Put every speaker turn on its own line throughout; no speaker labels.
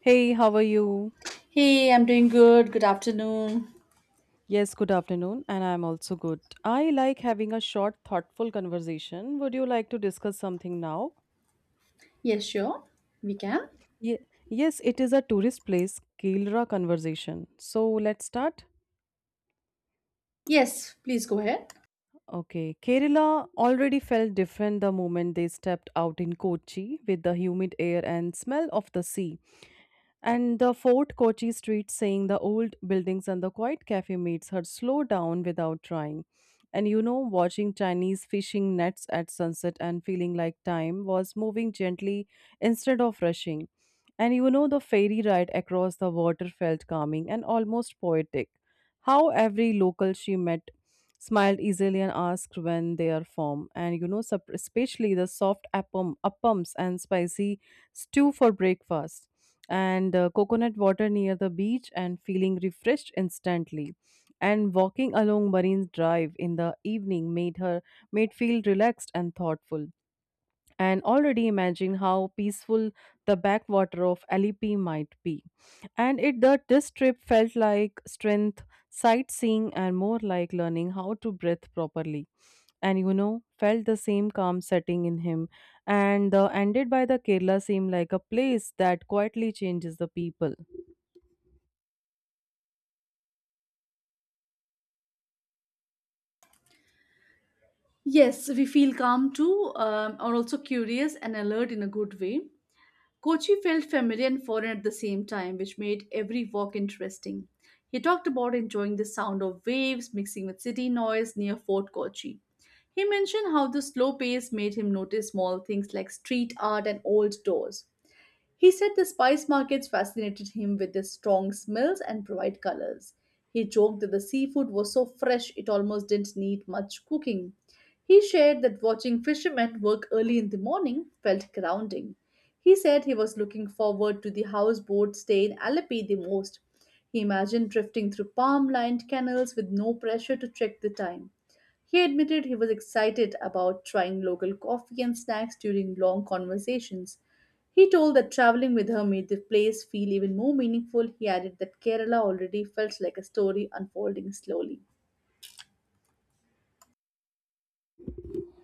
Hey, how are you?
Hey, I'm doing good. Good afternoon.
Yes, good afternoon, and I'm also good. I like having a short, thoughtful conversation. Would you like to discuss something now?
Yes, sure. We can.
Ye- yes, it is a tourist place, Kerala conversation. So let's start.
Yes, please go ahead.
Okay, Kerala already felt different the moment they stepped out in Kochi with the humid air and smell of the sea. And the Fort Kochi street saying the old buildings and the quiet cafe makes her slow down without trying. And you know, watching Chinese fishing nets at sunset and feeling like time was moving gently instead of rushing. And you know, the ferry ride across the water felt calming and almost poetic. How every local she met smiled easily and asked when they are formed. And you know, especially the soft appams and spicy stew for breakfast, and coconut water near the beach, and feeling refreshed instantly. And walking along Marine Drive in the evening made feel relaxed and thoughtful and already imagine how peaceful the backwater of Alipi might be. And it that this trip felt like strength, sightseeing, and more like learning how to breathe properly. And you know, felt the same calm setting in him. And the ended by the Kerala seemed like a place that quietly changes the people.
Yes, we feel calm too, are also curious and alert in a good way. Kochi felt familiar and foreign at the same time, which made every walk interesting. He talked about enjoying the sound of waves mixing with city noise near Fort Kochi. He mentioned how the slow pace made him notice small things like street art and old doors. He said the spice markets fascinated him with their strong smells and bright colors. He joked that the seafood was so fresh it almost didn't need much cooking. He shared that watching fishermen work early in the morning felt grounding. He said he was looking forward to the houseboat stay in Alleppey the most. He imagined drifting through palm lined canals with no pressure to check the time. He admitted he was excited about trying local coffee and snacks during long conversations. He told that traveling with her made the place feel even more meaningful. He added that Kerala already felt like a story unfolding slowly.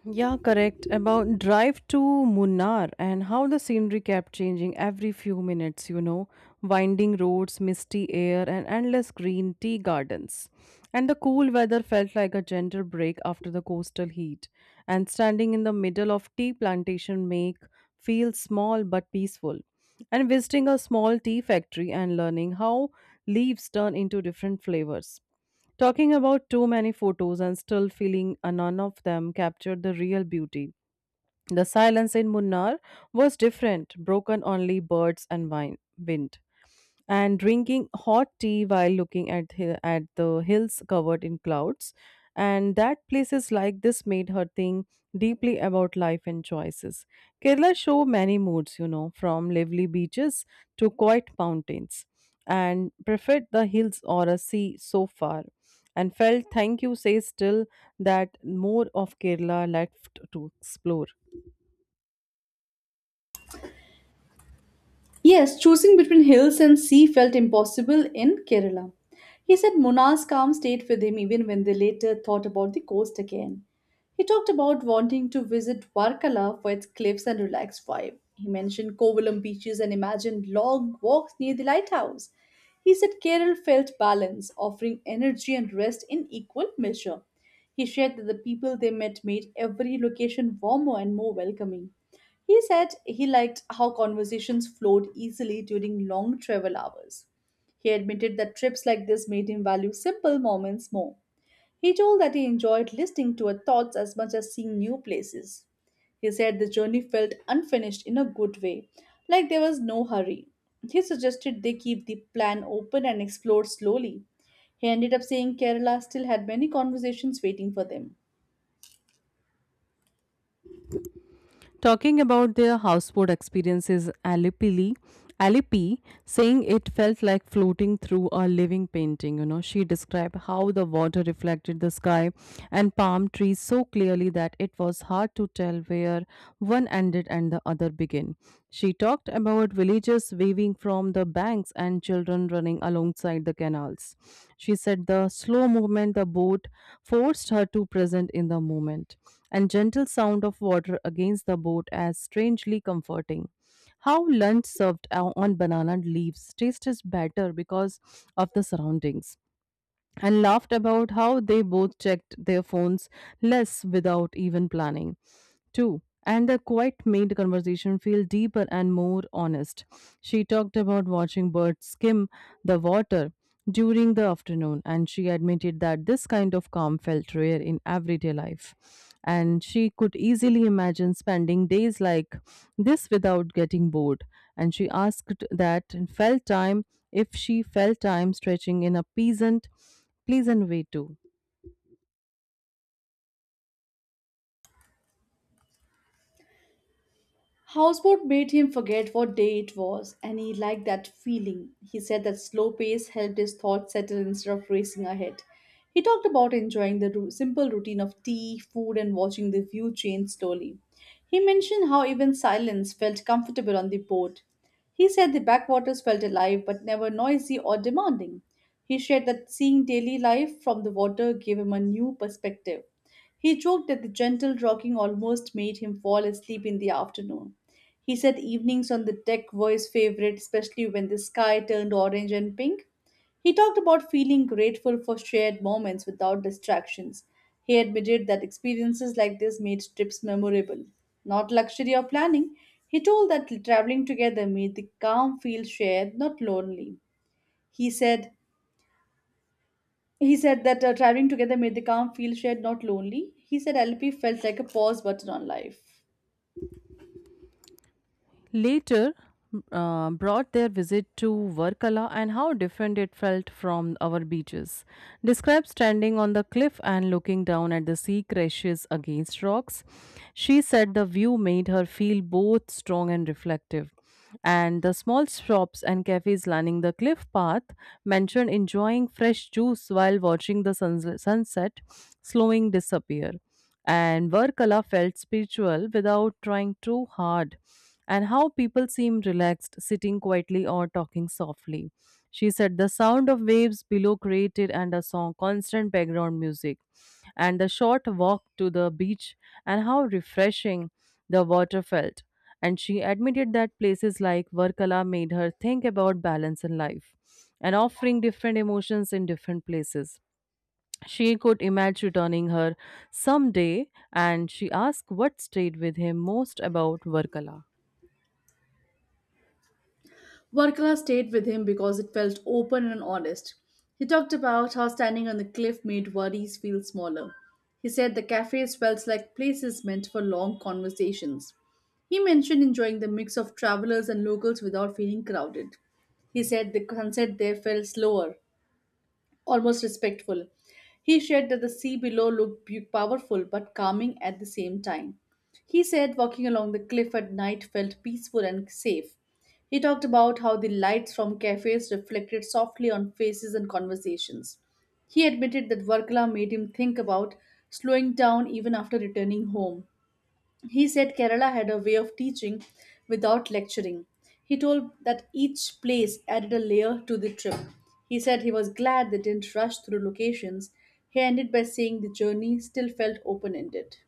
Yeah, correct. About drive to Munnar and how the scenery kept changing every few minutes, you know, winding roads, misty air, and endless green tea gardens. And the cool weather felt like a gentle break after the coastal heat. And standing in the middle of tea plantation make feel small but peaceful. And visiting a small tea factory and learning how leaves turn into different flavors. Talking about too many photos and still feeling none of them captured the real beauty. The silence in Munnar was different, broken only birds and wind and drinking hot tea while looking at at the hills covered in clouds and that places like this made her think deeply about life and choices. Kerala show many moods, you know, from lively beaches to quiet mountains and preferred the hills or a sea so far and felt thank you says still that more of Kerala left to explore.
Yes, choosing between hills and sea felt impossible in Kerala. He said Munar's calm stayed with him even when they later thought about the coast again. He talked about wanting to visit Varkala for its cliffs and relaxed vibe. He mentioned Kovalam beaches and imagined long walks near the lighthouse. He said Kerala felt balance, offering energy and rest in equal measure. He shared that the people they met made every location warmer and more welcoming. He said he liked how conversations flowed easily during long travel hours. He admitted that trips like this made him value simple moments more. He told that he enjoyed listening to her thoughts as much as seeing new places. He said the journey felt unfinished in a good way, like there was no hurry. He suggested they keep the plan open and explore slowly. He ended up saying Kerala still had many conversations waiting for them.
Talking about their houseboat experiences Alipi, saying it felt like floating through a living painting. You know, she described how the water reflected the sky and palm trees so clearly that it was hard to tell where one ended and the other began. She talked about villages, waving from the banks and children running alongside the canals. She said the slow movement the boat forced her to present in the moment, and gentle sound of water against the boat as strangely comforting. How lunch served on banana leaves tastes better because of the surroundings and laughed about how they both checked their phones less without even planning. Two, and the quiet made the conversation feel deeper and more honest. She talked about watching birds skim the water during the afternoon, and she admitted that this kind of calm felt rare in everyday life. And she could easily imagine spending days like this without getting bored. And she asked that felt time if she felt time stretching in a pleasant way too.
Houseboat made him forget what day it was, and he liked that feeling. He said that slow pace helped his thoughts settle instead of racing ahead. He talked about enjoying the simple routine of tea, food, and watching the view change slowly. He mentioned how even silence felt comfortable on the boat. He said the backwaters felt alive but never noisy or demanding. He shared that seeing daily life from the water gave him a new perspective. He joked that the gentle rocking almost made him fall asleep in the afternoon. He said evenings on the deck were his favorite, especially when the sky turned orange and pink. He talked about feeling grateful for shared moments without distractions. He admitted that experiences like this made trips memorable. Not luxury or planning, he told that traveling together made the calm feel shared, not lonely. He said he said that traveling together made the calm feel shared, not lonely. He said LP felt like a pause button on life.
Later brought their visit to Varkala and how different it felt from our beaches. Described standing on the cliff and looking down at the sea crashes against rocks, she said the view made her feel both strong and reflective. And the small shops and cafes lining the cliff path mentioned enjoying fresh juice while watching the sunset slowing disappear and Varkala felt spiritual without trying too hard, and how people seemed relaxed, sitting quietly or talking softly. She said the sound of waves below created and a song, constant background music, and the short walk to the beach, and how refreshing the water felt. And she admitted that places like Varkala made her think about balance in life and offering different emotions in different places she could imagine returning her someday, and she asked what stayed with him most about Varkala.
Varkala stayed with him because it felt open and honest. He talked about how standing on the cliff made worries feel smaller. He said the cafes felt like places meant for long conversations. He mentioned enjoying the mix of travelers and locals without feeling crowded. He said the sunset there felt slower, almost respectful. He shared that the sea below looked powerful but calming at the same time. He said walking along the cliff at night felt peaceful and safe. He talked about how the lights from cafes reflected softly on faces and conversations. He admitted that Varkala made him think about slowing down even after returning home. He said Kerala had a way of teaching without lecturing. He told that each place added a layer to the trip. He said he was glad they didn't rush through locations. He ended by saying the journey still felt open ended.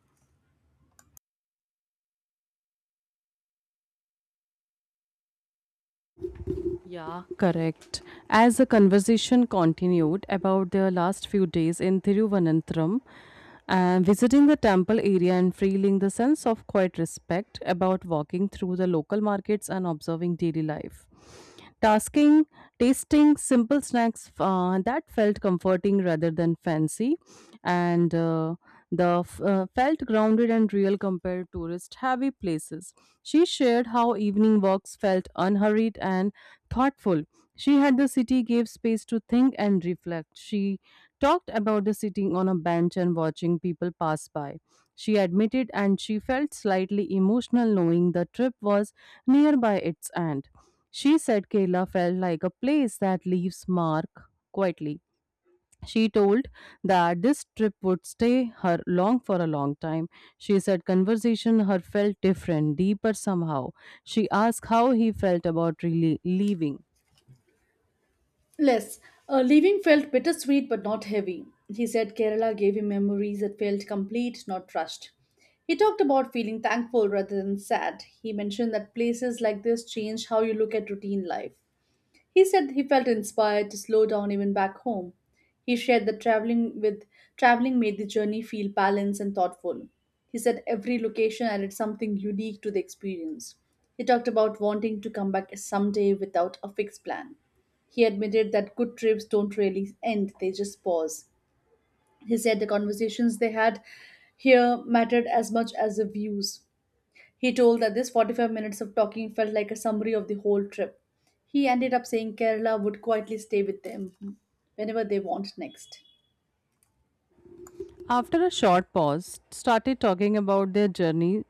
Yeah, correct. As the conversation continued about their last few days in Thiruvananthapuram, and visiting the temple area and feeling the sense of quiet respect about walking through the local markets and observing daily life. Tasking, tasting simple snacks that felt comforting rather than fancy, and the felt grounded and real compared to tourist heavy places. She shared how evening walks felt unhurried and thoughtful. She had the city gave space to think and reflect. She talked about the sitting on a bench and watching people pass by. She admitted and she felt slightly emotional knowing the trip was nearby its end. She said Kerala felt like a place that leaves mark quietly. She told that this trip would stay her long for a long time. She said conversation her felt different, deeper somehow. She asked how he felt about really leaving.
Less. Leaving felt bittersweet but not heavy. He said Kerala gave him memories that felt complete, not rushed. He talked about feeling thankful rather than sad. He mentioned that places like this change how you look at routine life. He said he felt inspired to slow down even back home. He shared that traveling made the journey feel balanced and thoughtful. He said every location added something unique to the experience. He talked about wanting to come back someday without a fixed plan. He admitted that good trips don't really end, they just pause. He said the conversations they had here mattered as much as the views. He told that this 45 minutes of talking felt like a summary of the whole trip. He ended up saying Kerala would quietly stay with them whenever they want next.
After a short pause, started talking about their journey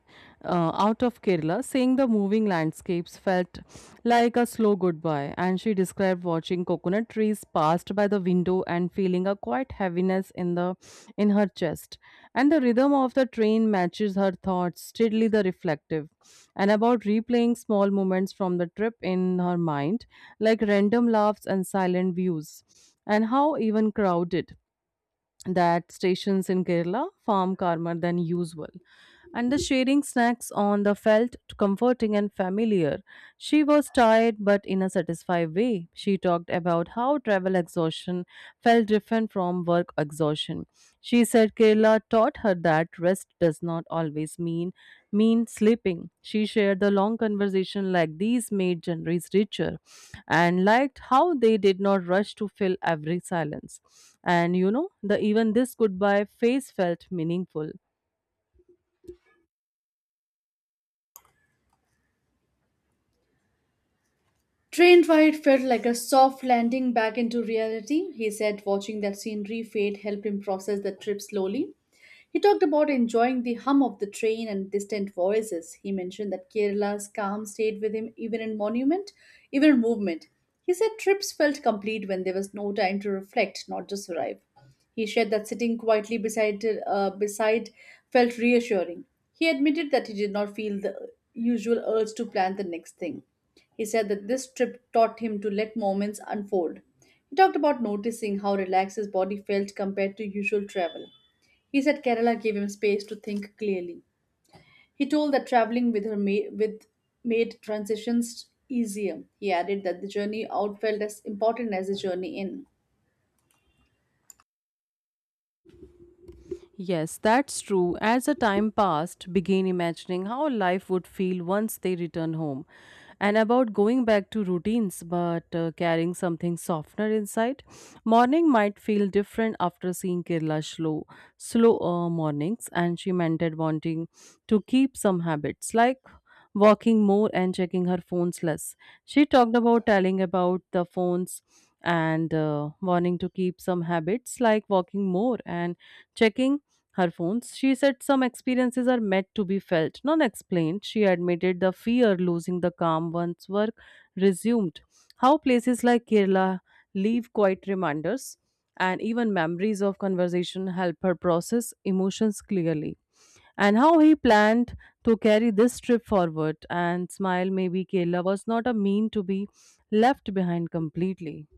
out of Kerala, saying the moving landscapes felt like a slow goodbye. And she described watching coconut trees passed by the window and feeling a quiet heaviness in the in her chest. And the rhythm of the train matches her thoughts, steadily the reflective, and about replaying small moments from the trip in her mind, like random laughs and silent views, and how even crowded that stations in Kerala farm calmer than usual. And the sharing snacks on the felt comforting and familiar. She was tired but in a satisfied way. She talked about how travel exhaustion felt different from work exhaustion. She said Kayla taught her that rest does not always mean sleeping. She shared the long conversation like these made January's richer and liked how they did not rush to fill every silence. And you know, the even this goodbye face felt meaningful.
Train ride felt like a soft landing back into reality, he said, watching that scenery fade helped him process the trip slowly. He talked about enjoying the hum of the train and distant voices. He mentioned that Kerala's calm stayed with him even in monument, even in movement. He said trips felt complete when there was no time to reflect, not just arrive. He shared that sitting quietly beside felt reassuring. He admitted that he did not feel the usual urge to plan the next thing. He said that this trip taught him to let moments unfold. He talked about noticing how relaxed his body felt compared to usual travel. He said Kerala gave him space to think clearly. He told that traveling with with made transitions easier. He added that the journey out felt as important as the journey in.
Yes, that's true. As the time passed, began imagining how life would feel once they return home, and about going back to routines but carrying something softener inside. Morning might feel different after seeing Kerala slow mornings, and she mentioned wanting to keep some habits like walking more and checking her phones less. She talked about telling about the phones and wanting to keep some habits like walking more and checking her phones. She said some experiences are meant to be felt, not explained. She admitted the fear losing the calm once work resumed. How places like Kerala leave quiet reminders and even memories of conversation help her process emotions clearly. And how he planned to carry this trip forward and smile maybe Kerala was not a mean to be left behind completely.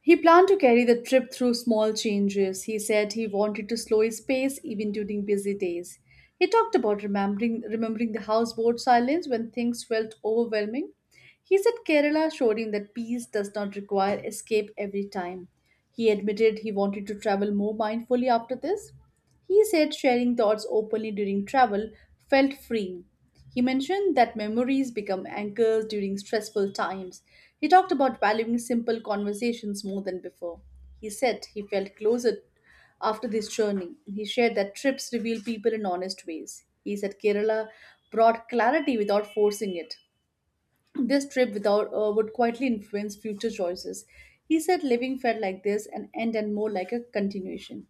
He planned to carry the trip through small changes. He said he wanted to slow his pace even during busy days. He talked about remembering the houseboat silence when things felt overwhelming. He said Kerala showed him that peace does not require escape every time. He admitted he wanted to travel more mindfully after this. He said sharing thoughts openly during travel felt freeing. He mentioned that memories become anchors during stressful times. He talked about valuing simple conversations more than before. He said he felt closer after this journey. He shared that trips reveal people in honest ways. He said Kerala brought clarity without forcing it. This trip without would quietly influence future choices. He said living felt like this an end and more like a continuation.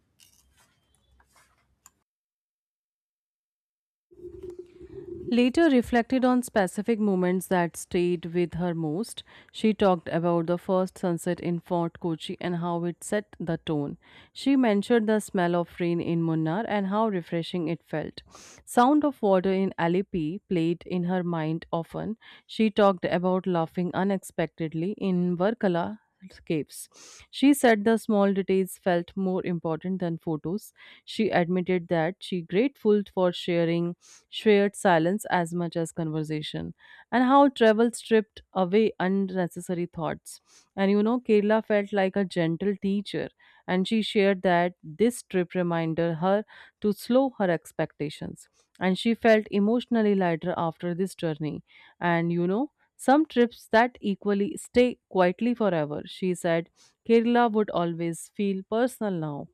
Later reflected on specific moments that stayed with her most. She talked about the first sunset in Fort Kochi and how it set the tone. She mentioned the smell of rain in Munnar and how refreshing it felt. Sound of water in Alleppey played in her mind often. She talked about laughing unexpectedly in Varkala caves. She said the small details felt more important than photos. She admitted that she grateful for sharing shared silence as much as conversation, and how travel stripped away unnecessary thoughts. And you know, Kerala felt like a gentle teacher, and she shared that this trip reminded her to slow her expectations. And she felt emotionally lighter after this journey. And you know, some trips that equally stay quietly forever, she said, Kerala would always feel personal now.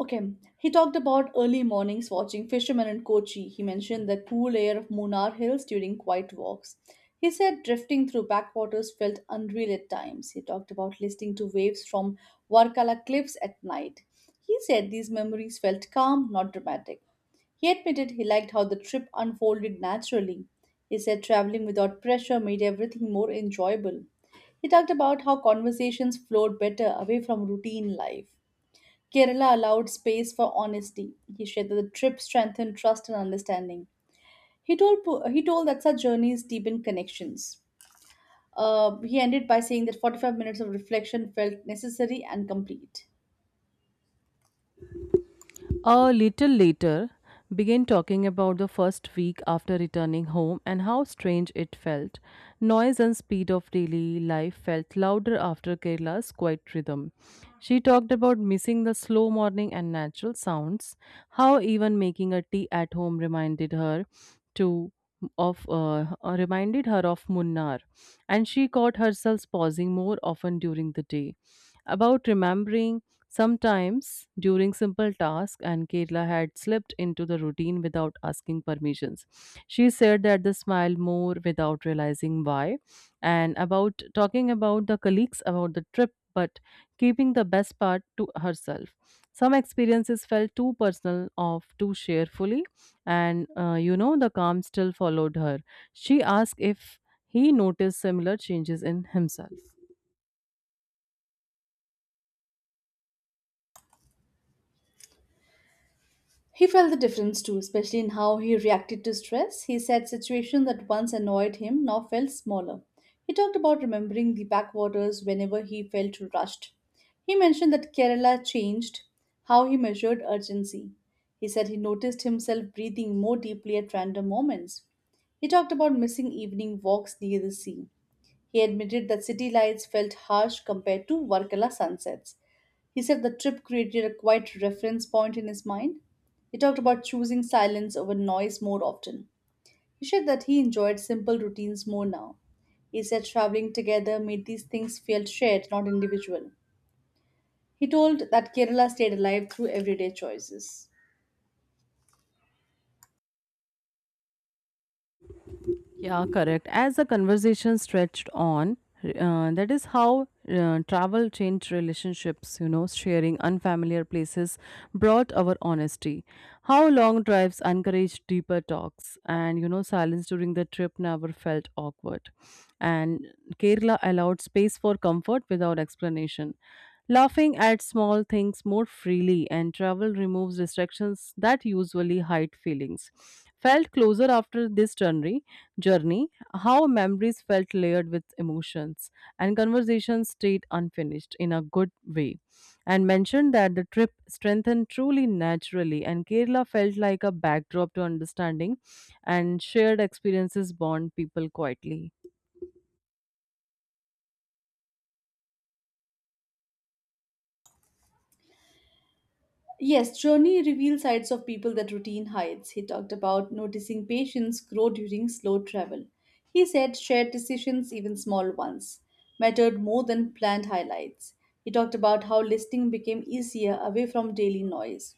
Okay, he talked about early mornings watching fishermen in Kochi. He mentioned the cool air of Munnar Hills during quiet walks. He said drifting through backwaters felt unreal at times. He talked about listening to waves from Varkala cliffs at night. He said these memories felt calm, not dramatic. He admitted he liked how the trip unfolded naturally. He said traveling without pressure made everything more enjoyable. He talked about how conversations flowed better away from routine life. Kerala allowed space for honesty. He shared that the trip strengthened trust and understanding. He told that such journeys deepen connections. He ended by saying that 45 minutes of reflection felt necessary and complete.
A little later, began talking about the first week after returning home and how strange it felt. Noise and speed of daily life felt louder after Kerala's quiet rhythm. She talked about missing the slow morning and natural sounds, how even making a tea at home reminded her to of reminded her of Munnar, and she caught herself pausing more often during the day about remembering sometimes during simple tasks and Kerala had slipped into the routine without asking permissions. She said that the smile more without realizing why and about talking about the colleagues about the trip but keeping the best part to herself. Some experiences felt too personal of to share fully, and you know, the calm still followed her. She asked if he noticed similar changes in himself.
He felt the difference too, especially in how he reacted to stress. He said situations that once annoyed him now felt smaller. He talked about remembering the backwaters whenever he felt rushed. He mentioned that Kerala changed how he measured urgency. He said he noticed himself breathing more deeply at random moments. He talked about missing evening walks near the sea. He admitted that city lights felt harsh compared to Varkala sunsets. He said the trip created a quiet reference point in his mind. He talked about choosing silence over noise more often. He shared that he enjoyed simple routines more now. He said traveling together made these things feel shared, not individual. He told that Kerala stayed alive through everyday choices.
Yeah, correct. As the conversation stretched on, that is how travel changed relationships, you know, sharing unfamiliar places brought our honesty. How long drives encouraged deeper talks, and, you know, silence during the trip never felt awkward. And Kerala allowed space for comfort without explanation. Laughing at small things more freely, and travel removes distractions that usually hide feelings. Felt closer after this journey, how memories felt layered with emotions and conversations stayed unfinished in a good way. And mentioned that the trip strengthened truly naturally, and Kerala felt like a backdrop to understanding and shared experiences bond people quietly.
Yes, journey reveals sides of people that routine hides. He talked about noticing patients grow during slow travel. He said shared decisions, even small ones, mattered more than planned highlights. He talked about how listening became easier away from daily noise.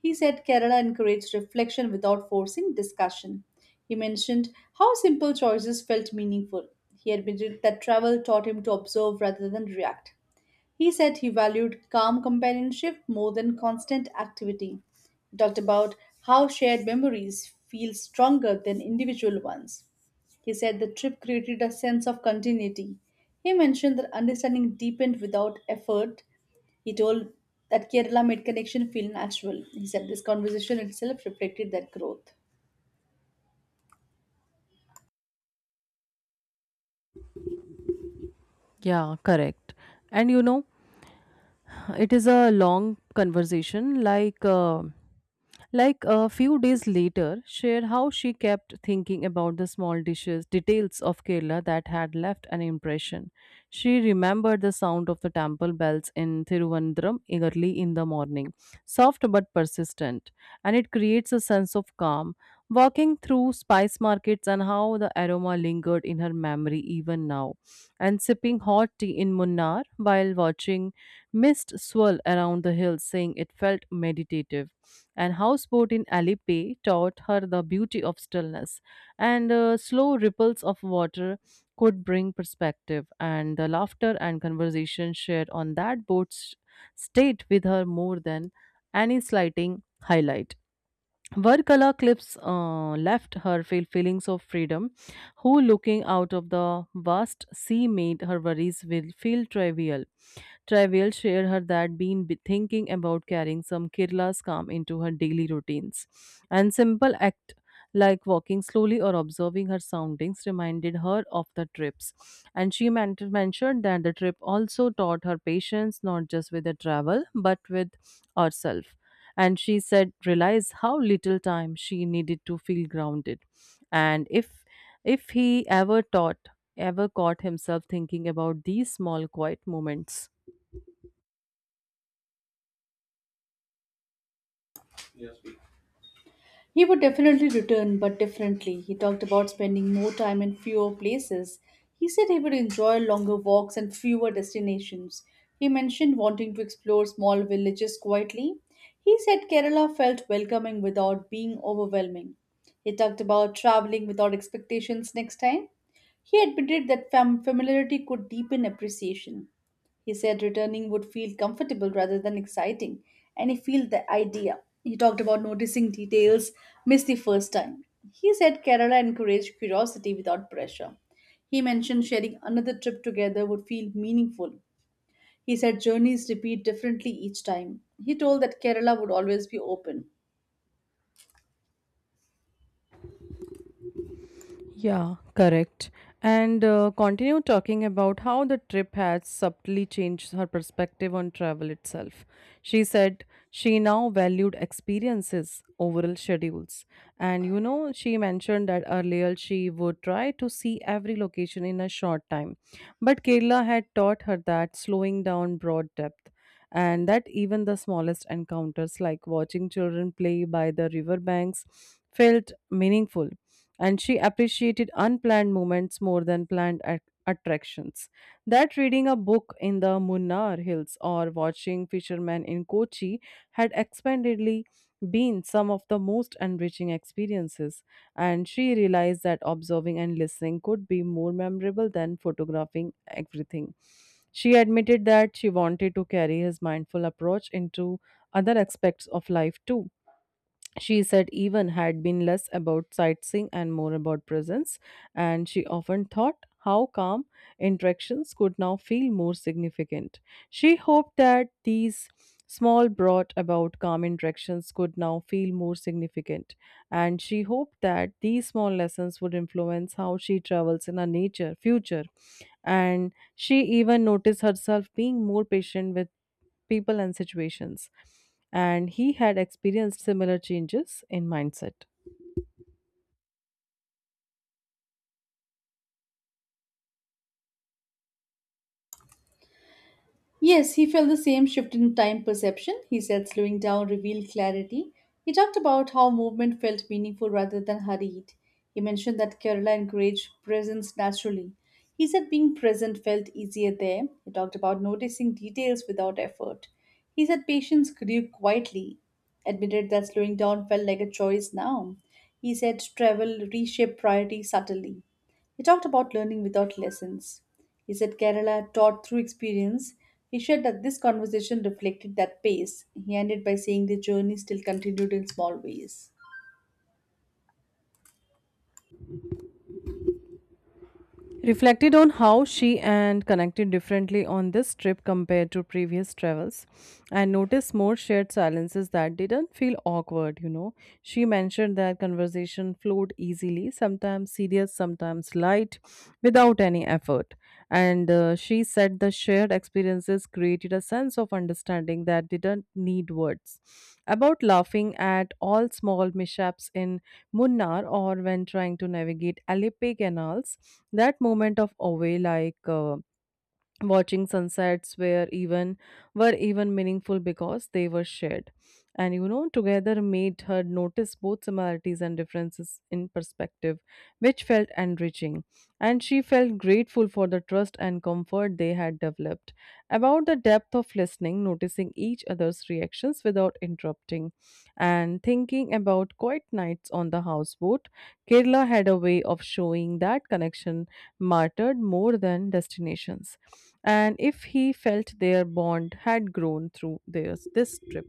He said Kerala encouraged reflection without forcing discussion. He mentioned how simple choices felt meaningful. He admitted that travel taught him to observe rather than react. He said he valued calm companionship more than constant activity. He talked about how shared memories feel stronger than individual ones. He said the trip created a sense of continuity. He mentioned that understanding deepened without effort. He told that Kerala made connection feel natural. He said this conversation itself reflected that growth.
Yeah, correct. And you know, it is a long conversation. Like a few days later, shared how she kept thinking about the small dishes, details of Kerala that had left an impression. She remembered the sound of the temple bells in Thiruvananthapuram early in the morning, soft but persistent, and it creates a sense of calm. Walking through spice markets and how the aroma lingered in her memory even now, and sipping hot tea in Munnar while watching mist swirl around the hills, saying it felt meditative, and houseboat in Alipe taught her the beauty of stillness, and slow ripples of water could bring perspective, and the laughter and conversation shared on that stayed with her more than any slighting highlight. Varkala clips left her feel feelings of freedom, who looking out of the vast sea made her worries will feel trivial. Trivial shared her that thinking about carrying some Kerala's calm into her daily routines. And simple act like walking slowly or observing her soundings reminded her of the trips. And she mentioned that the trip also taught her patience, not just with the travel but with herself, and she said realize how little time she needed to feel grounded. And if he ever taught ever caught himself thinking about these small quiet moments.
He would definitely return, but differently. He talked about spending more time in fewer places. He said he would enjoy longer walks and fewer destinations. He mentioned wanting to explore small villages quietly. He said Kerala felt welcoming without being overwhelming. He talked about traveling without expectations next time. He admitted that familiarity could deepen appreciation. He said returning would feel comfortable rather than exciting, and he felt the idea. He talked about noticing details missed the first time. He said Kerala encouraged curiosity without pressure. He mentioned sharing another trip together would feel meaningful. He said journeys repeat differently each time. He told that Kerala would always be open.
Yeah, correct. And continue talking about how the trip had subtly changed her perspective on travel itself. She said she now valued experiences over schedules. And you know, she mentioned that earlier she would try to see every location in a short time. But Kerala had taught her that slowing down broad depth. And that even the smallest encounters, like watching children play by the riverbanks, felt meaningful, and she appreciated unplanned moments more than attractions. That reading a book in the Munnar Hills or watching fishermen in Kochi had expandedly been some of the most enriching experiences, and she realized that observing and listening could be more memorable than photographing everything. She admitted that she wanted to carry his mindful approach into other aspects of life too. She said even had been less about sightseeing and more about presence, and she often thought how calm interactions could now feel more significant. She hoped that these small brought about calm interactions could now feel more significant, and she hoped that these small lessons would influence how she travels in her nature future. And she even noticed herself being more patient with people and situations, and he had experienced similar changes in mindset.
Yes, he felt the same shift in time perception. He said slowing down revealed clarity. He talked about how movement felt meaningful rather than hurried. He mentioned that Kerala encouraged presence naturally. He said being present felt easier there. He talked about noticing details without effort. He said patience grew quietly, admitted that slowing down felt like a choice now. He said travel reshaped priorities subtly. He talked about learning without lessons. He said Kerala taught through experience. He shared that this conversation reflected that pace. He ended by saying the journey still continued in small ways.
Reflected on how she and connected differently on this trip compared to previous travels, and noticed more shared silences that didn't feel awkward, you know. She mentioned that conversation flowed easily, sometimes serious, sometimes light, without any effort. And she said the shared experiences created a sense of understanding that didn't need words. About laughing at all small mishaps in Munnar or when trying to navigate Alipe canals, that moment of awe, watching sunsets were even meaningful because they were shared, and you know together made her notice both similarities and differences in perspective, which felt enriching, and she felt grateful for the trust and comfort they had developed, about the depth of listening, noticing each other's reactions without interrupting and thinking about quiet nights on the houseboat. Kerala had a way of showing that connection mattered more than destinations, and if he felt their bond had grown through theirs this trip.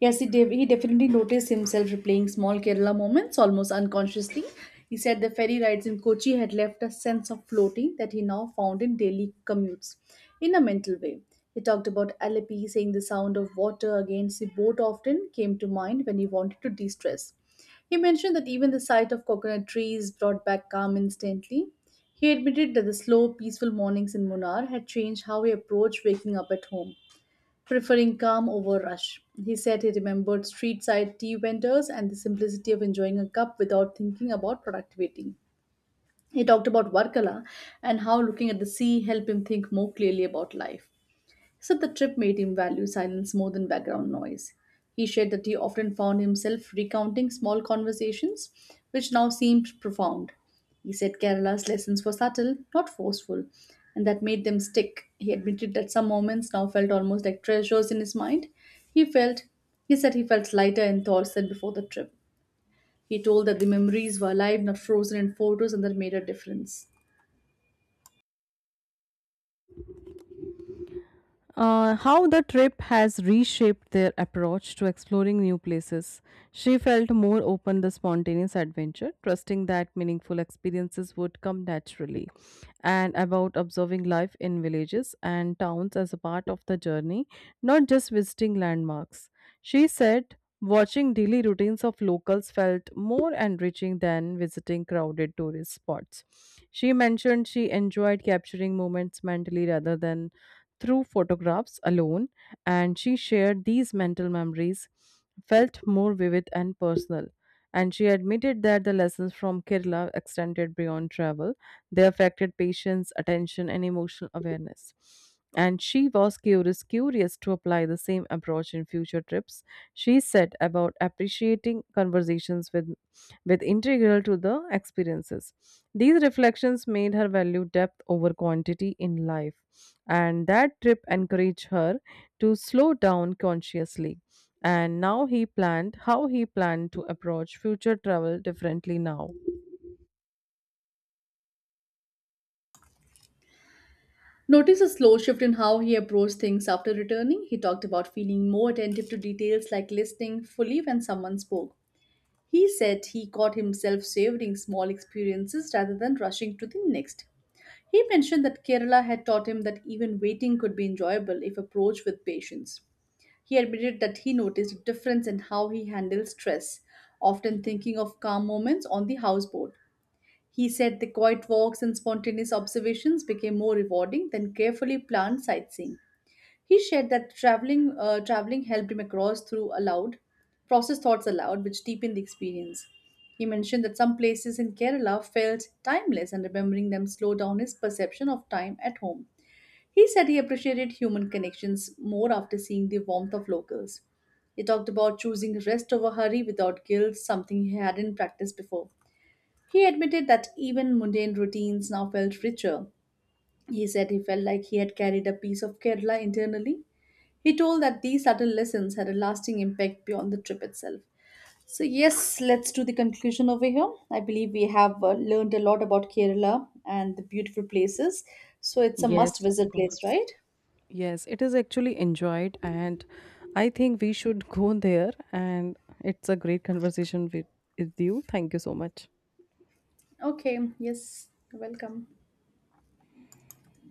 Yes, he definitely noticed himself replaying small Kerala moments almost unconsciously. He said the ferry rides in Kochi had left a sense of floating that he now found in daily commutes in a mental way. He talked about Alleppey, saying the sound of water against the boat often came to mind when he wanted to de stress. He mentioned that even the sight of coconut trees brought back calm instantly. He admitted that the slow, peaceful mornings in Munnar had changed how he approached waking up at home, preferring calm over rush. He said he remembered street side tea vendors and the simplicity of enjoying a cup without thinking about productivity. He talked about Varkala and how looking at the sea helped him think more clearly about life. He said the trip made him value silence more than background noise. He shared that he often found himself recounting small conversations, which now seemed profound. He said Kerala's lessons were subtle, not forceful, and that made them stick. He admitted that some moments now felt almost like treasures in his mind. He felt he said he felt lighter in thoughts than before the trip. He told that the memories were alive, not frozen in photos, and that made a difference.
How the trip has reshaped their approach to exploring new places. She felt more open to spontaneous adventure, trusting that meaningful experiences would come naturally, and about observing life in villages and towns as a part of the journey, not just visiting landmarks. She said, watching daily routines of locals felt more enriching than visiting crowded tourist spots. She mentioned she enjoyed capturing moments mentally rather than through photographs alone, and she shared these mental memories felt more vivid and personal. And she admitted that the lessons from Kerala extended beyond travel. They affected patience, attention, and emotional awareness. And she was curious to apply the same approach in future trips. She said about appreciating conversations with integral to the experiences. These reflections made her value depth over quantity in life, and that trip encouraged her to slow down consciously. And now he planned how he planned to approach future travel differently now.
Notice a slow shift in how he approached things after returning. He talked about feeling more attentive to details, like listening fully when someone spoke. He said he caught himself savoring small experiences rather than rushing to the next. He mentioned that Kerala had taught him that even waiting could be enjoyable if approached with patience. He admitted that he noticed a difference in how he handles stress, often thinking of calm moments on the houseboat. He said the quiet walks and spontaneous observations became more rewarding than carefully planned sightseeing. He shared that traveling helped him across through aloud, process thoughts aloud, which deepened the experience. He mentioned that some places in Kerala felt timeless, and remembering them slowed down his perception of time at home. He said he appreciated human connections more after seeing the warmth of locals. He talked about choosing rest over hurry without guilt, something he hadn't practiced before. He admitted that even mundane routines now felt richer. He said he felt like he had carried a piece of Kerala internally. He told that these subtle lessons had a lasting impact beyond the trip itself. So, yes, let's do the conclusion over here. I believe we have learned a lot about Kerala and the beautiful places. So, it's a must
Yes, of
visit place,
course.
right?
Yes, it is actually enjoyed, and I think we should go there. And it's a great conversation with you. Thank you so much.
Okay, yes, you're welcome.